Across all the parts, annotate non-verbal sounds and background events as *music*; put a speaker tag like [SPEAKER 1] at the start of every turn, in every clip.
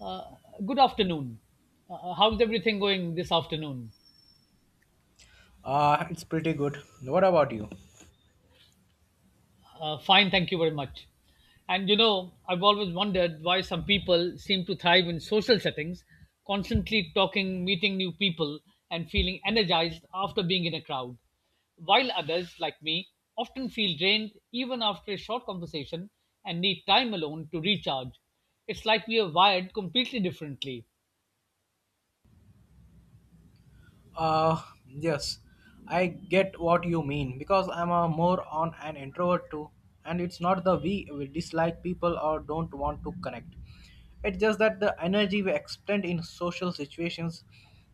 [SPEAKER 1] Uh, Good afternoon. How's everything going this afternoon?
[SPEAKER 2] It's pretty good. What about you?
[SPEAKER 1] Fine, thank you very much. And you know, I've always wondered why some people seem to thrive in social settings, constantly talking, meeting new people, and feeling energized after being in a crowd, while others, like me, often feel drained even after a short conversation and need time alone to recharge. It's like we are wired completely differently.
[SPEAKER 2] Uh, yes, I get what you mean because I'm a more on an introvert too, and it's not the we dislike people or don't want to connect. It's just that the energy we expend in social situations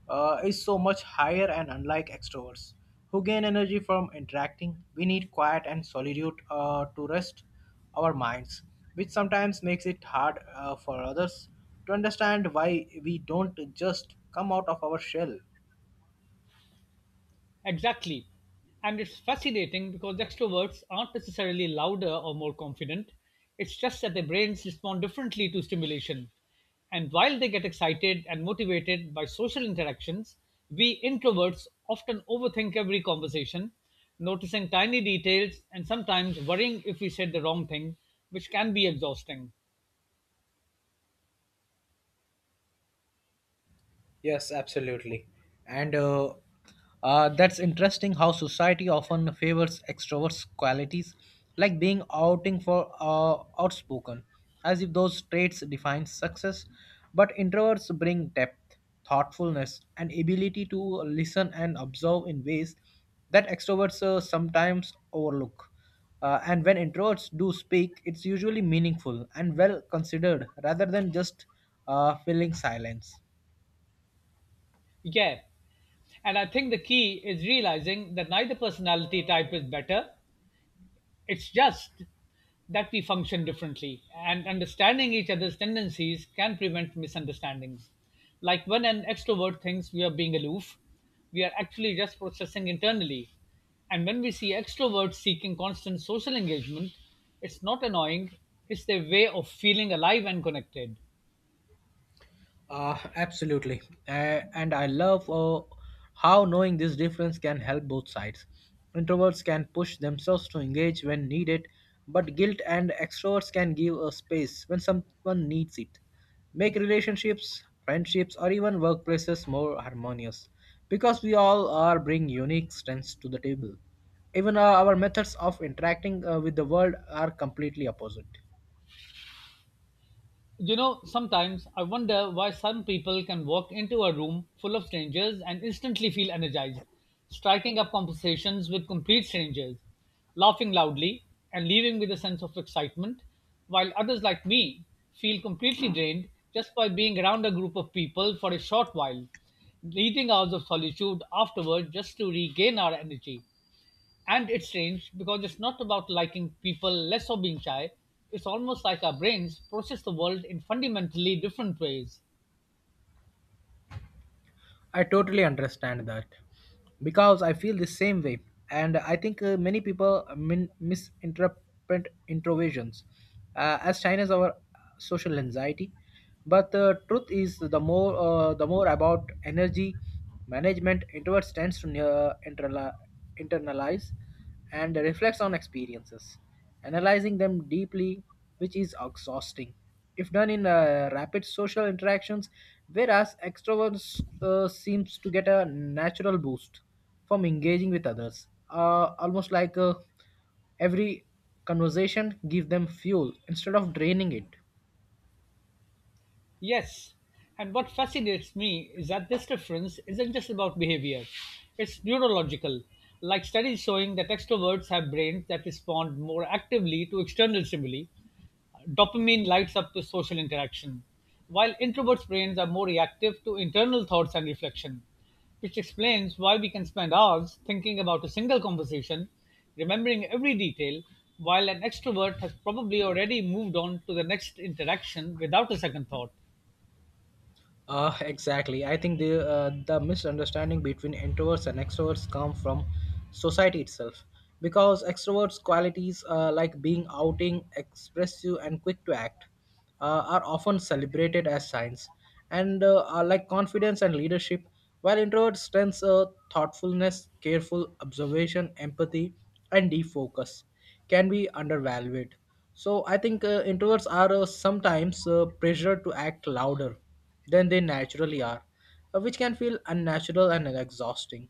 [SPEAKER 2] is so much higher and unlike extroverts who gain energy from interacting. We need quiet and solitude to rest our minds, which sometimes makes it hard for others to understand why we don't just come out of our shell.
[SPEAKER 1] Exactly. And it's fascinating because extroverts aren't necessarily louder or more confident. It's just that their brains respond differently to stimulation. And while they get excited and motivated by social interactions, we introverts often overthink every conversation, noticing tiny details and sometimes worrying if we said the wrong thing, which can be exhausting.
[SPEAKER 2] Yes, absolutely. And that's interesting how society often favors extroverts' qualities, like being outing for outspoken, as if those traits define success. But introverts bring depth, thoughtfulness, and ability to listen and observe in ways that extroverts sometimes overlook. And when introverts do speak, it's usually meaningful and well considered rather than just filling silence.
[SPEAKER 1] Yeah. And I think the key is realizing that neither personality type is better. It's just that we function differently, and understanding each other's tendencies can prevent misunderstandings. Like when an extrovert thinks we are being aloof, we are actually just processing internally. And when we see extroverts seeking constant social engagement, it's not annoying, it's their way of feeling alive and connected.
[SPEAKER 2] Absolutely. And I love how knowing this difference can help both sides. Introverts can push themselves to engage when needed, but guilt and extroverts can give a space when someone needs it. Make relationships, friendships, or even workplaces more harmonious because we all are bring unique strengths to the table. Even our methods of interacting with the world are completely opposite.
[SPEAKER 1] You know, sometimes I wonder why some people can walk into a room full of strangers and instantly feel energized, striking up conversations with complete strangers, laughing loudly, and leaving with a sense of excitement, while others like me feel completely drained just by being around a group of people for a short while, needing hours of solitude afterward just to regain our energy. And it's strange because it's not about liking people less or being shy. It's almost like our brains process the world in fundamentally different ways.
[SPEAKER 2] I totally understand that because I feel the same way, and I think many people misinterpret introversions as China's our social anxiety. But the truth is, the more about energy management, introverts tends to internalize and reflects on experiences, analyzing them deeply, which is exhausting. If done in rapid social interactions, whereas extroverts seems to get a natural boost from engaging with others, almost like every conversation give them fuel instead of draining it.
[SPEAKER 1] Yes, and what fascinates me is that this difference isn't just about behavior, it's neurological, like studies showing that extroverts have brains that respond more actively to external stimuli, dopamine lights up the social interaction, while introverts' brains are more reactive to internal thoughts and reflection, which explains why we can spend hours thinking about a single conversation, remembering every detail, while an extrovert has probably already moved on to the next interaction without a second thought.
[SPEAKER 2] *laughs* Exactly. I think the misunderstanding between introverts and extroverts come from society itself, because extroverts' qualities like being outing, expressive, and quick to act are often celebrated as signs, and are like confidence and leadership, while introverts' strengths, thoughtfulness, careful observation, empathy, and deep focus can be undervalued. So I think introverts are sometimes pressured to act louder than they naturally are, which can feel unnatural and exhausting,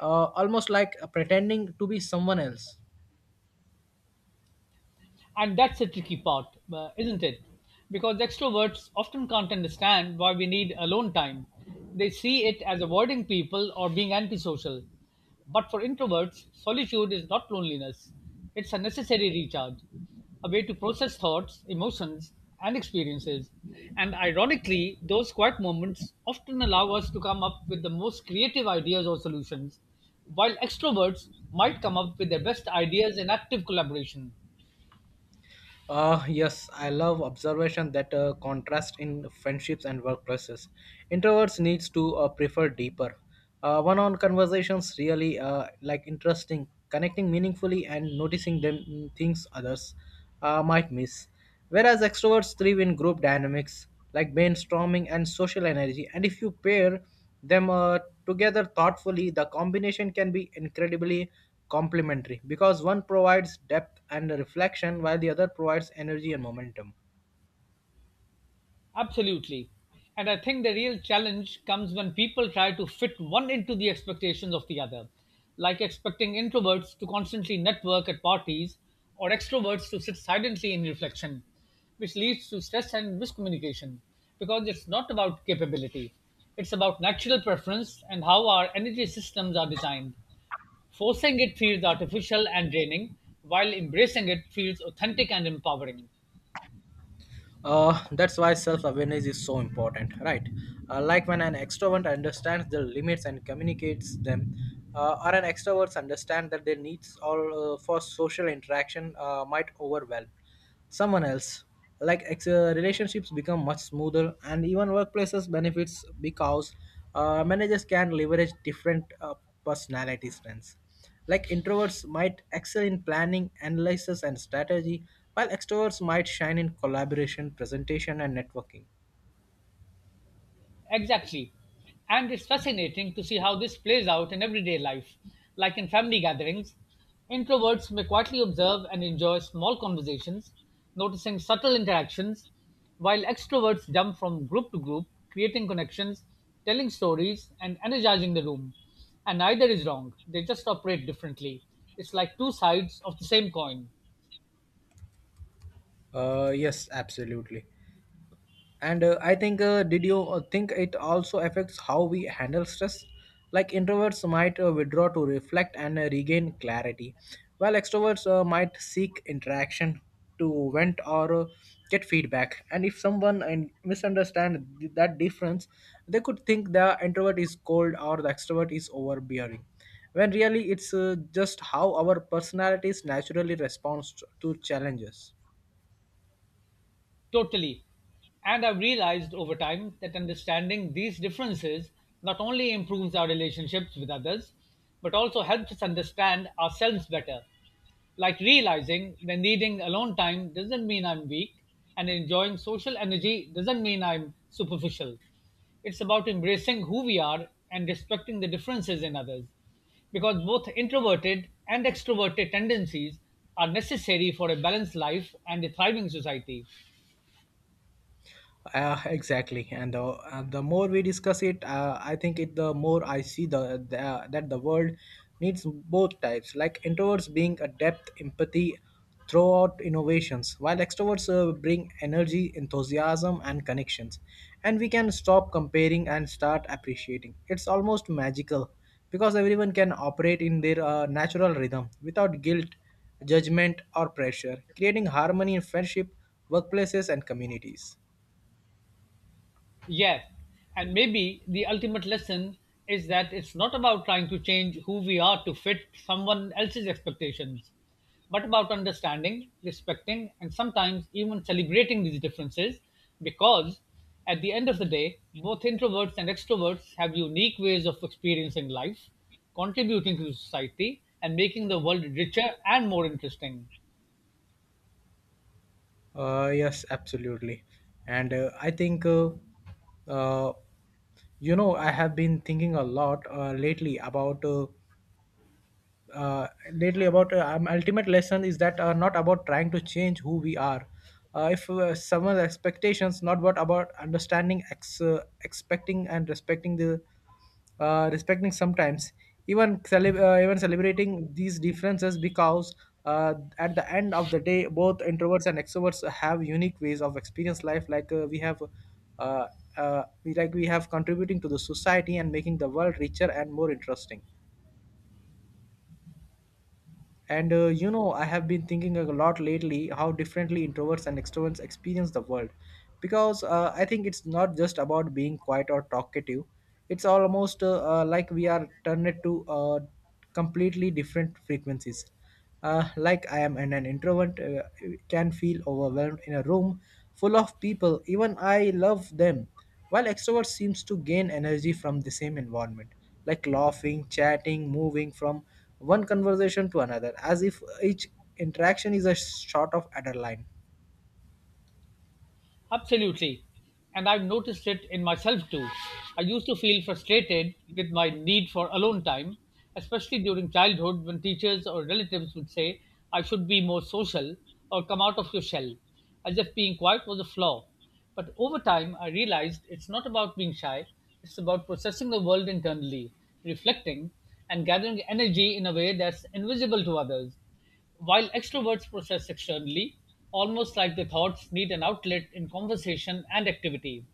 [SPEAKER 2] almost like pretending to be someone else.
[SPEAKER 1] And that's the tricky part, isn't it? Because extroverts often can't understand why we need alone time. They see it as avoiding people or being antisocial. But for introverts, solitude is not loneliness, it's a necessary recharge, a way to process thoughts, emotions, and experiences. And ironically, those quiet moments often allow us to come up with the most creative ideas or solutions, while extroverts might come up with their best ideas in active collaboration.
[SPEAKER 2] Yes, I love observation that contrast in friendships and workplaces. Introverts needs to prefer deeper, one-on conversations really like interesting, connecting meaningfully and noticing them things others might miss. Whereas extroverts thrive in group dynamics like brainstorming and social energy. And if you pair them together thoughtfully, the combination can be incredibly complementary because one provides depth and reflection while the other provides energy and momentum.
[SPEAKER 1] Absolutely. And I think the real challenge comes when people try to fit one into the expectations of the other, like expecting introverts to constantly network at parties or extroverts to sit silently in reflection, which leads to stress and miscommunication because it's not about capability. It's about natural preference and how our energy systems are designed. Forcing it feels artificial and draining, while embracing it feels authentic and empowering.
[SPEAKER 2] That's why self-awareness is so important, right? Like when an extrovert understands their limits and communicates them, or an extrovert understand that their needs all for social interaction might overwhelm someone else. Like relationships become much smoother, and even workplaces benefits because managers can leverage different personality strengths. Like introverts might excel in planning, analysis, and strategy, while extroverts might shine in collaboration, presentation, and networking.
[SPEAKER 1] Exactly. And it's fascinating to see how this plays out in everyday life. Like in family gatherings, introverts may quietly observe and enjoy small conversations, noticing subtle interactions, while extroverts jump from group to group, creating connections, telling stories, and energizing the room. And neither is wrong, they just operate differently. It's like two sides of the same coin.
[SPEAKER 2] Yes, absolutely. And I think did you think it also affects how we handle stress, like introverts might withdraw to reflect and regain clarity, while extroverts might seek interaction to vent or get feedback. And if someone and misunderstand that difference, they could think the introvert is cold or the extrovert is overbearing when really it's just how our personalities naturally responds to challenges.
[SPEAKER 1] Totally. And I've realized over time that understanding these differences not only improves our relationships with others, but also helps us understand ourselves better. Like realizing that needing alone time doesn't mean I'm weak, and enjoying social energy doesn't mean I'm superficial. It's about embracing who we are and respecting the differences in others, because both introverted and extroverted tendencies are necessary for a balanced life and a thriving society.
[SPEAKER 2] Exactly, and the more we discuss it, I think it the more I see the that the world needs both types, like introverts being a depth empathy throughout innovations, while extroverts bring energy, enthusiasm, and connections. And we can stop comparing and start appreciating. It's almost magical because everyone can operate in their natural rhythm without guilt, judgment, or pressure, creating harmony in friendship, workplaces, and communities.
[SPEAKER 1] Yes. And maybe the ultimate lesson is that it's not about trying to change who we are to fit someone else's expectations, but about understanding, respecting, and sometimes even celebrating these differences because at the end of the day, both introverts and extroverts have unique ways of experiencing life, contributing to society, and making the world richer and more interesting.
[SPEAKER 2] Yes, absolutely. And I think, uh, you know, I have been thinking a lot uh, lately about ultimate lesson is that are not about trying to change who we are if someone's expectations not but about understanding expecting and respecting the respecting sometimes even even celebrating these differences because uh, at the end of the day both introverts and extroverts have unique ways of experience life like uh, we like we have contributing to the society and making the world richer and more interesting. And you know, I have been thinking a lot lately how differently introverts and extroverts experience the world. Because I think it's not just about being quiet or talkative, it's almost like we are turned to completely different frequencies. Like I am an introvert, can feel overwhelmed in a room full of people. Even I love them. While extrovert seems to gain energy from the same environment, like laughing, chatting, moving from one conversation to another, as if each interaction is a shot of adrenaline.
[SPEAKER 1] Absolutely. And I've noticed it in myself too. I used to feel frustrated with my need for alone time, especially during childhood when teachers or relatives would say, I should be more social or come out of your shell, as if being quiet was a flaw. But over time, I realized it's not about being shy, it's about processing the world internally, reflecting, and gathering energy in a way that's invisible to others. While extroverts process externally, almost like their thoughts need an outlet in conversation and activity.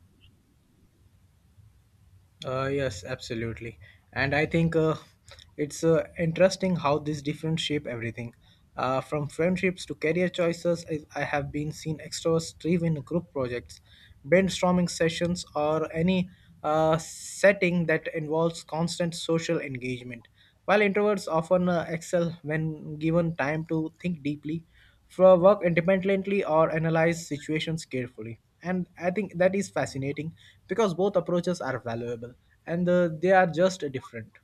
[SPEAKER 2] Yes, absolutely. And I think it's interesting how these different shape everything. From friendships to career choices, I have been seen extras thrive in group projects, brainstorming sessions, or any setting that involves constant social engagement. While introverts often excel when given time to think deeply, for work independently or analyze situations carefully. And I think that is fascinating because both approaches are valuable, and they are just different.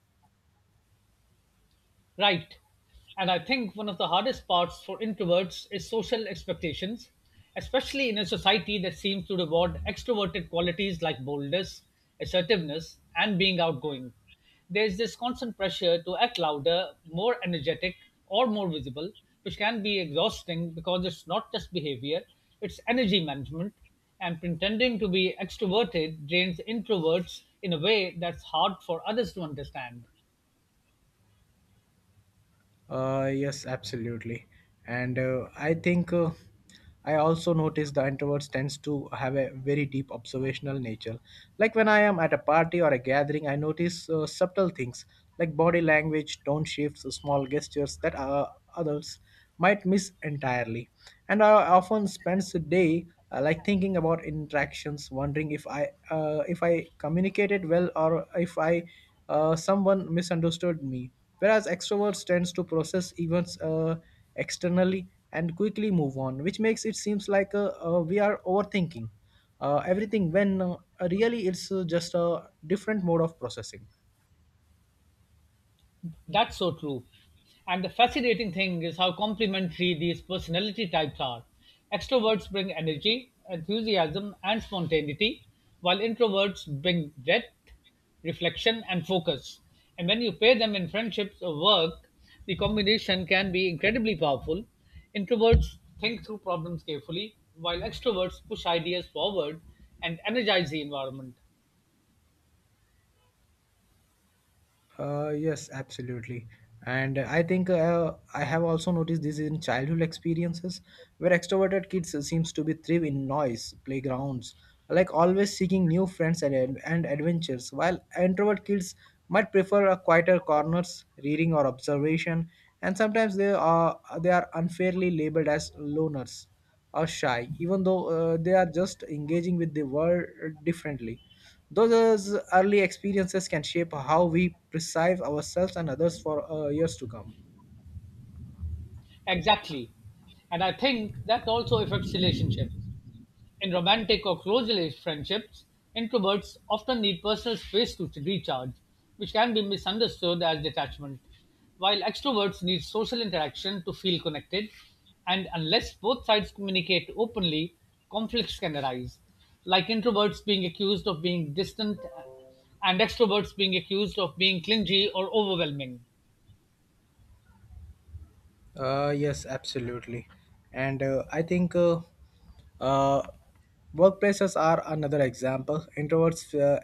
[SPEAKER 1] Right. And I think one of the hardest parts for introverts is social expectations, especially in a society that seems to reward extroverted qualities like boldness, assertiveness, and being outgoing. There's this constant pressure to act louder, more energetic, or more visible, which can be exhausting because it's not just behavior, it's energy management. And pretending to be extroverted drains introverts in a way that's hard for others to understand.
[SPEAKER 2] Yes, absolutely. And I also notice the introverts tends to have a very deep observational nature, like when I am at a party or a gathering I notice subtle things like body language, tone shifts, small gestures that others might miss entirely. And I often spends a day like thinking about interactions, wondering if I communicated well or if I someone misunderstood me. Whereas extroverts tends to process events externally and quickly move on, which makes it seems like we are overthinking everything when really it's just a different mode of processing.
[SPEAKER 1] That's so true. And the fascinating thing is how complementary these personality types are. Extroverts bring energy, enthusiasm, and spontaneity, while introverts bring depth, reflection, and focus. And when you pair them in friendships or work, the combination can be incredibly powerful. Introverts think through problems carefully, while extroverts push ideas forward and energize the environment.
[SPEAKER 2] Yes, absolutely. And I think I have also noticed this in childhood experiences where extroverted kids seems to be thrive in noise, playgrounds, like always seeking new friends and adventures, while introvert kids might prefer a quieter corners, reading or observation, and sometimes they are unfairly labeled as loners or shy, even though they are just engaging with the world differently. Those early experiences can shape how we perceive ourselves and others for years to come.
[SPEAKER 1] Exactly. And I think that also affects relationships. In romantic or close relationship friendships, introverts often need personal space to recharge, which can be misunderstood as detachment, while extroverts need social interaction to feel connected, and unless both sides communicate openly, conflicts can arise, like introverts being accused of being distant and extroverts being accused of being clingy or overwhelming.
[SPEAKER 2] Yes, absolutely. And I think uh, workplaces are another example.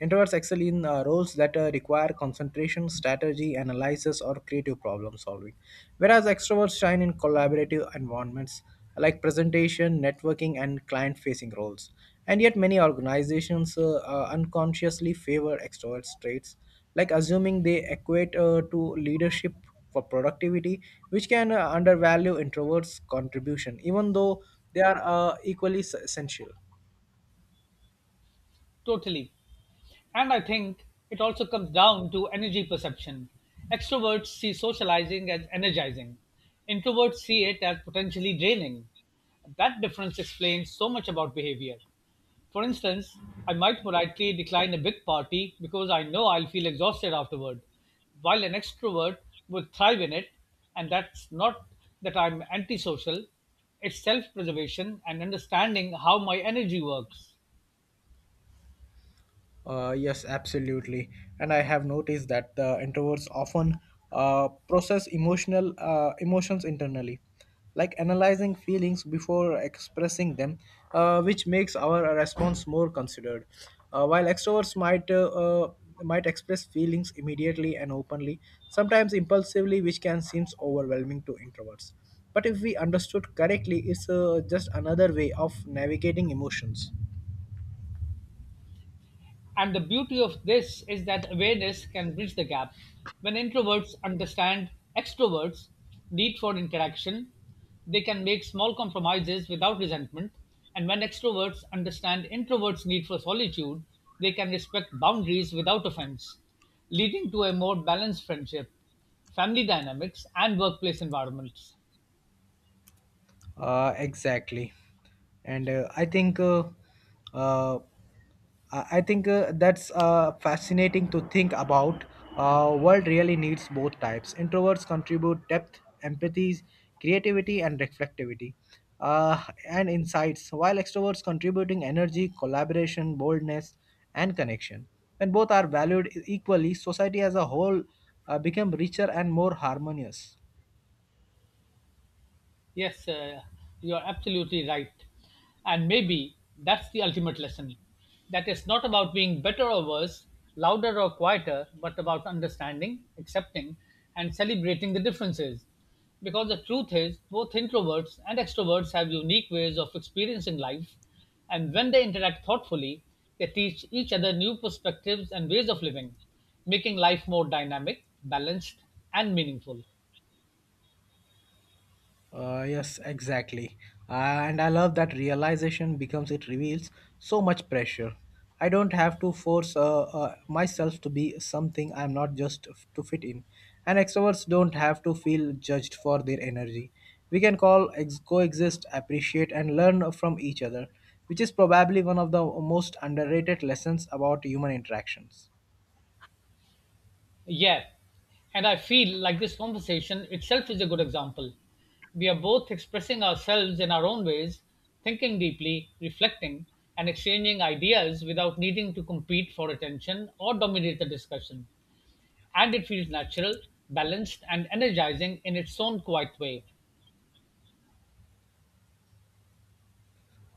[SPEAKER 2] Introverts excel in roles that require concentration, strategy, analysis, or creative problem solving, whereas extroverts shine in collaborative environments like presentation, networking, and client facing roles. And yet, many organizations unconsciously favor extroverts traits, like assuming they equate to leadership for productivity, which can undervalue introverts' contribution, even though they are essential.
[SPEAKER 1] Totally. And I think it also comes down to energy perception. Extroverts see socializing as energizing, introverts see it as potentially draining. That difference explains so much about behavior. For instance, I might politely decline a big party because I know I'll feel exhausted afterward, while an extrovert would thrive in it, and that's not that I'm antisocial, it's self preservation and understanding how my energy works.
[SPEAKER 2] Yes, absolutely. And I have noticed that the introverts often process emotional emotions internally, like analyzing feelings before expressing them, which makes our response more considered. While extroverts might express feelings immediately and openly, sometimes impulsively, which can seem overwhelming to introverts. But if we understood correctly, it's just another way of navigating emotions.
[SPEAKER 1] And the beauty of this is that awareness can bridge the gap. When introverts understand extroverts' need for interaction, they can make small compromises without resentment. And when extroverts understand introverts' need for solitude, they can respect boundaries without offense, leading to a more balanced friendship, family dynamics, and workplace environments.
[SPEAKER 2] Exactly, and uh, I think that's fascinating to think about. World really needs both types. Introverts contribute depth, empathy, creativity, and reflectivity, uh, and insights. While extroverts contributing energy, collaboration, boldness, and connection. When both are valued equally, society as a whole become richer and more harmonious.
[SPEAKER 1] Yes, you are absolutely right. And maybe that's the ultimate lesson that it's not about being better or worse, louder or quieter, but about understanding, accepting, and celebrating the differences. Because the truth is, both introverts and extroverts have unique ways of experiencing life, and when they interact thoughtfully, they teach each other new perspectives and ways of living, making life more dynamic, balanced, and meaningful.
[SPEAKER 2] Yes, exactly. And I love that realization becomes it reveals so much pressure. I don't have to force myself to be something I'm not just to fit in. And extroverts don't have to feel judged for their energy. We can call coexist, appreciate, and learn from each other, which is probably one of the most underrated lessons about human interactions.
[SPEAKER 1] Yeah, and I feel like this conversation itself is a good example. We are both expressing ourselves in our own ways, thinking deeply, reflecting, and exchanging ideas without needing to compete for attention or dominate the discussion. And it feels natural, balanced, and energizing in its own quiet way.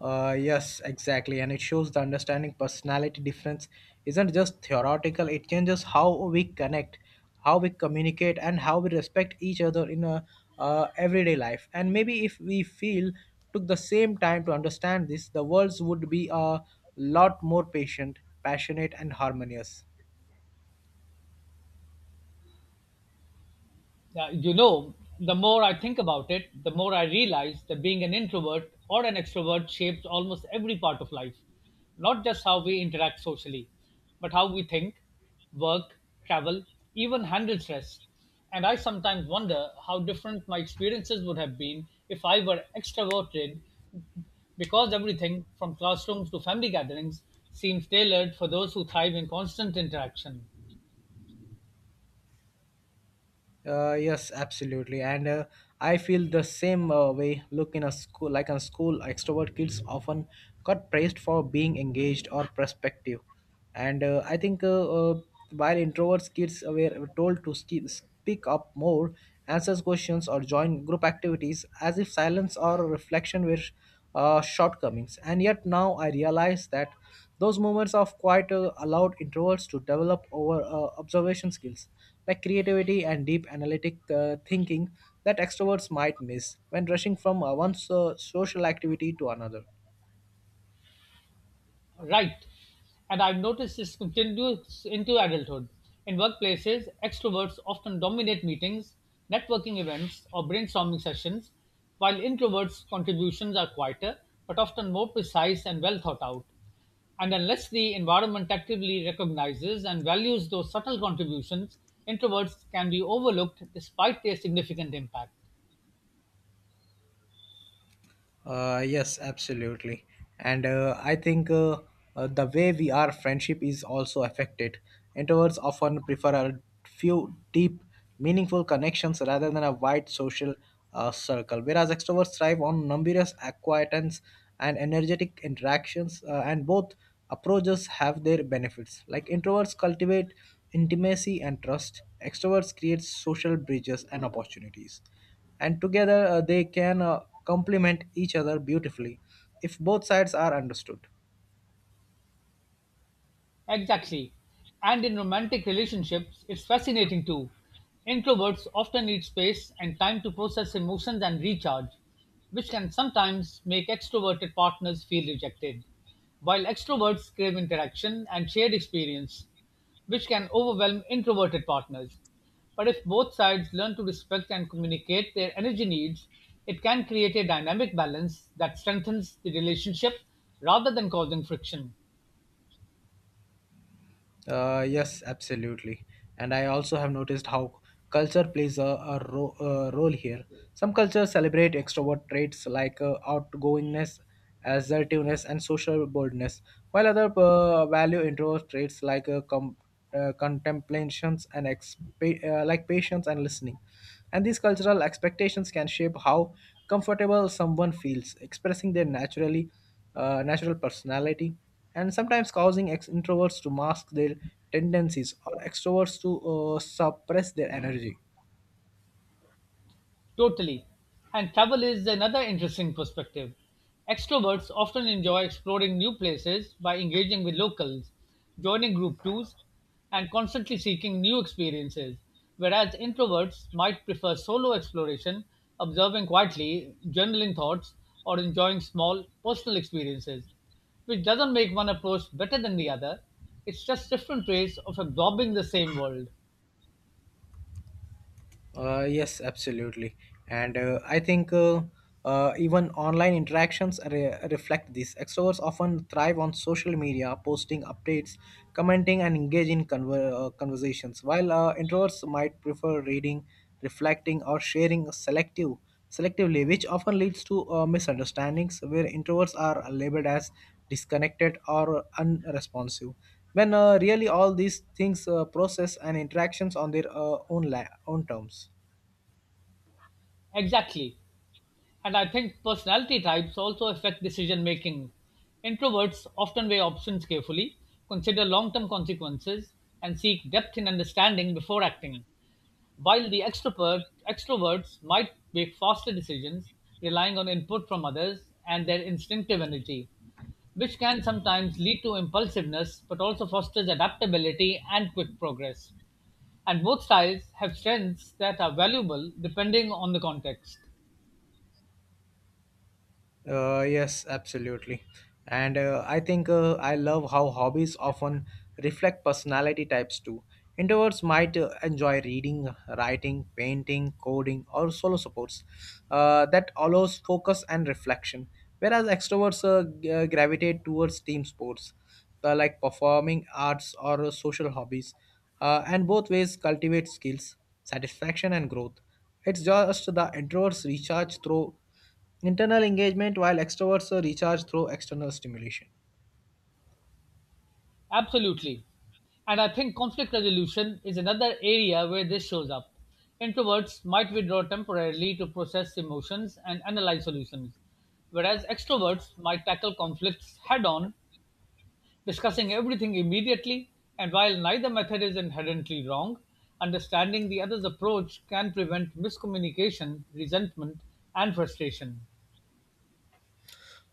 [SPEAKER 2] Yes, exactly. And it shows the understanding personality difference isn't just theoretical, it changes how we connect, how we communicate, and how we respect each other in a everyday life. And maybe if we feel took the same time to understand this, the worlds would be a lot more patient, passionate, and harmonious.
[SPEAKER 1] Yeah, you know, the more I think about it, the more I realize that being an introvert or an extrovert shapes almost every part of life, not just how we interact socially, but how we think, work, travel, even handle stress. And I sometimes wonder how different my experiences would have been if I were extroverted because everything from classrooms to family gatherings seems tailored for those who thrive in constant interaction.
[SPEAKER 2] Yes, absolutely, and I feel the same way. Look in a school, like in school, extrovert kids often got praised for being engaged or prospective, and I think while introverts kids were told to speak up more, answer questions, or join group activities, as if silence or reflection were shortcomings. And yet now I realize that. Those moments of quiet allowed introverts to develop over observation skills like creativity and deep analytic thinking that extroverts might miss when rushing from one social activity to another.
[SPEAKER 1] Right. And I've noticed this continues into adulthood. In workplaces, extroverts often dominate meetings, networking events, or brainstorming sessions, while introverts' contributions are quieter but often more precise and well thought out. And unless the environment actively recognizes and values those subtle contributions, introverts can be overlooked despite their significant impact.
[SPEAKER 2] Yes, absolutely. And I think the way we are friendship is also affected. Introverts often prefer a few deep, meaningful connections rather than a wide social circle, whereas extroverts thrive on numerous acquaintance and energetic interactions, and both approaches have their benefits. Like introverts cultivate intimacy and trust, extroverts create social bridges and opportunities, and together they can complement each other beautifully if both sides are understood.
[SPEAKER 1] Exactly. And in romantic relationships, it's fascinating too. Introverts often need space and time to process emotions and recharge, which can sometimes make extroverted partners feel rejected, while extroverts crave interaction and shared experience, which can overwhelm introverted partners. But if both sides learn to respect and communicate their energy needs, it can create a dynamic balance that strengthens the relationship rather than causing friction.
[SPEAKER 2] Yes, absolutely. And I also have noticed how culture plays a role here. Some cultures celebrate extrovert traits like outgoingness, assertiveness, and social boldness, while others value introvert traits like contemplations and like patience and listening. And these cultural expectations can shape how comfortable someone feels expressing them naturally, natural personality, and sometimes causing introverts to mask their tendencies or extroverts to suppress their energy.
[SPEAKER 1] Totally. And travel is another interesting perspective. Extroverts often enjoy exploring new places by engaging with locals, joining group tours, and constantly seeking new experiences, whereas introverts might prefer solo exploration, observing quietly, journaling thoughts, or enjoying small personal experiences, which doesn't make one approach better than the other. It's just different ways of absorbing the same world.
[SPEAKER 2] Yes, absolutely. And I think even online interactions reflect this. Extroverts often thrive on social media, posting updates, commenting, and engage in conversations, while introverts might prefer reading, reflecting, or sharing selectively, which often leads to misunderstandings where introverts are labeled as disconnected or unresponsive when really all these things process and interactions on their own terms.
[SPEAKER 1] Exactly. And I think personality types also affect decision making. Introverts often weigh options carefully, consider long term consequences, and seek depth in understanding before acting, while extroverts might make faster decisions, relying on input from others and their instinctive energy, which can sometimes lead to impulsiveness but also fosters adaptability and quick progress. And both styles have strengths that are valuable depending on the context.
[SPEAKER 2] Yes, absolutely. And I think I love how hobbies often reflect personality types too. Introverts might enjoy reading, writing, painting, coding, or solo supports that allows focus and reflection, whereas extroverts gravitate towards team sports like performing arts or social hobbies, and both ways cultivate skills, satisfaction, and growth. It's just the introverts recharge through internal engagement while extroverts are recharged through external stimulation.
[SPEAKER 1] Absolutely. And I think conflict resolution is another area where this shows up. Introverts might withdraw temporarily to process emotions and analyze solutions, whereas extroverts might tackle conflicts head on, discussing everything immediately. And while neither method is inherently wrong, understanding the other's approach can prevent miscommunication, resentment, and frustration.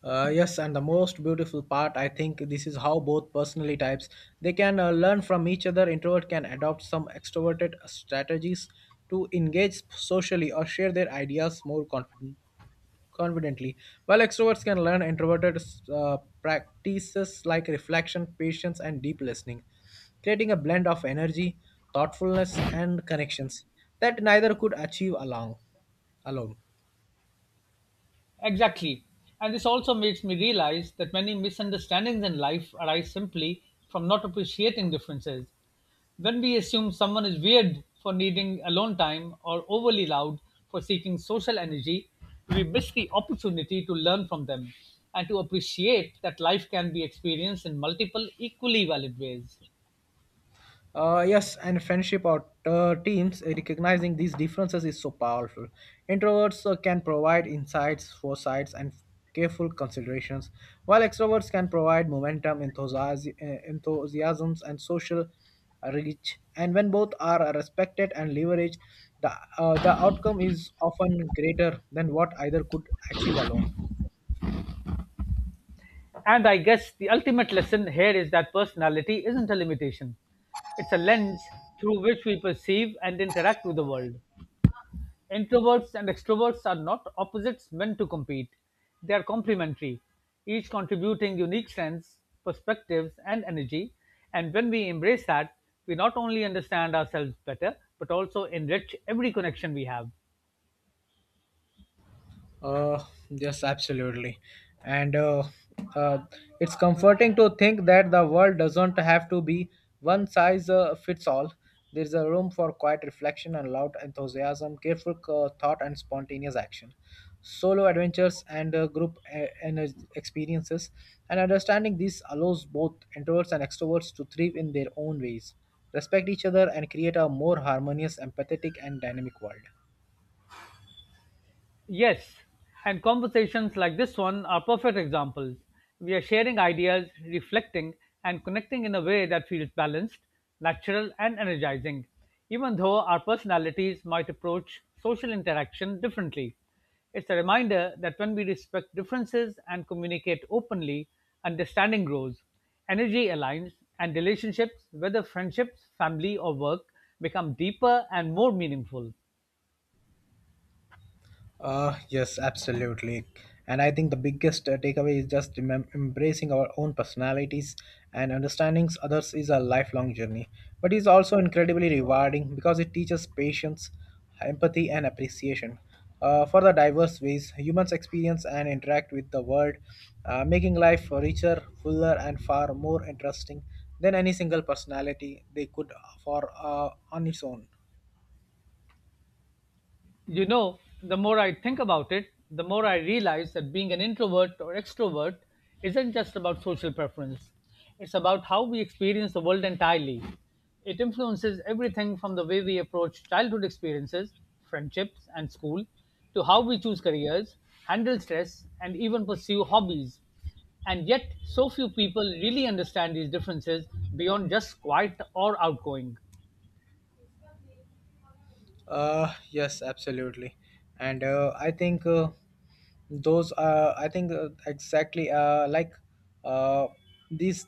[SPEAKER 2] Yes, and the most beautiful part, I think this is how both personality types they can learn from each other. Introvert can adopt some extroverted strategies to engage socially or share their ideas more confidently. While extroverts can learn introverted practices like reflection, patience, and deep listening, creating a blend of energy, thoughtfulness, and connections that neither could achieve along alone.
[SPEAKER 1] Exactly. And this also makes me realize that many misunderstandings in life arise simply from not appreciating differences. When we assume someone is weird for needing alone time or overly loud for seeking social energy, we miss the opportunity to learn from them and to appreciate that life can be experienced in multiple, equally valid ways.
[SPEAKER 2] Yes, and friendship or teams recognizing these differences is so powerful. Introverts can provide insights, foresights, and careful considerations, while extroverts can provide momentum, enthusiasms, and social reach. And when both are respected and leveraged, the the outcome is often greater than what either could achieve alone.
[SPEAKER 1] And I guess the ultimate lesson here is that personality isn't a limitation, it's a lens through which we perceive and interact with the world. Introverts and extroverts are not opposites meant to compete. They are complementary, each contributing unique strengths, perspectives, and energy. And when we embrace that, we not only understand ourselves better, but also enrich every connection we have.
[SPEAKER 2] Uh, yes, absolutely. And uh, it's comforting to think that the world doesn't have to be one size fits all. There's a room for quiet reflection and loud enthusiasm, careful thought, and spontaneous action. Solo adventures and group experiences, and understanding this allows both introverts and extroverts to thrive in their own ways, respect each other, and create a more harmonious, empathetic, and dynamic world.
[SPEAKER 1] Yes, and conversations like this one are perfect examples. We are sharing ideas, reflecting, and connecting in a way that feels balanced, natural, and energizing, even though our personalities might approach social interaction differently. It's a reminder that when we respect differences and communicate openly, understanding grows, energy aligns, and relationships, whether friendships, family, or work, become deeper and more meaningful.
[SPEAKER 2] Yes, absolutely. And I think the biggest takeaway is just embracing our own personalities and understandings. Others is a lifelong journey. But it's also incredibly rewarding because it teaches patience, empathy, and appreciation for the diverse ways humans experience and interact with the world, making life richer, fuller, and far more interesting than any single personality they could for on its own.
[SPEAKER 1] You know, the more I think about it, the more I realize that being an introvert or extrovert isn't just about social preference. It's about how we experience the world entirely. It influences everything from the way we approach childhood experiences, friendships, and school, to how we choose careers, handle stress, and even pursue hobbies. And yet, so few people really understand these differences beyond just quiet or outgoing.
[SPEAKER 2] Yes, absolutely. And I think those are, I think exactly like uh, these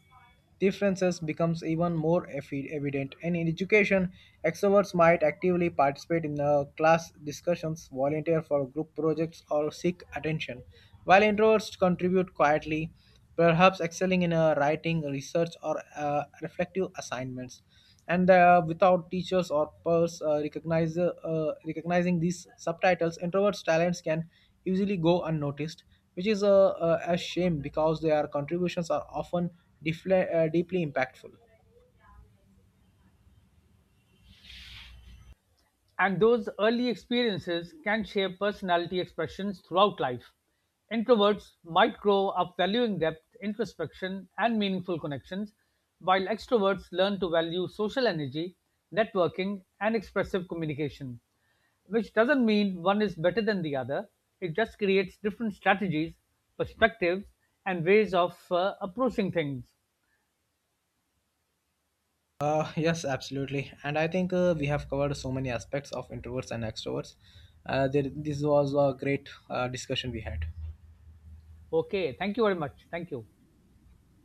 [SPEAKER 2] differences becomes even more evident. And in education, extroverts might actively participate in class discussions, volunteer for group projects, or seek attention, while introverts contribute quietly, perhaps excelling in writing, research, or reflective assignments, and without teachers or peers recognizing these subtitles introverts talents can easily go unnoticed, which is a shame because their contributions are often deeply impactful.
[SPEAKER 1] And those early experiences can shape personality expressions throughout life. Introverts might grow up valuing depth, introspection, and meaningful connections, while extroverts learn to value social energy, networking, and expressive communication. Which doesn't mean one is better than the other, it just creates different strategies, perspectives, and ways of approaching things.
[SPEAKER 2] Uh, yes, absolutely, and I think we have covered so many aspects of introverts and extroverts. This was a great discussion we had.
[SPEAKER 1] Okay, thank you very much. Thank you.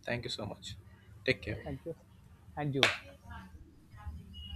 [SPEAKER 2] Thank you so much. Take
[SPEAKER 1] Thank
[SPEAKER 2] care.
[SPEAKER 1] you. And you.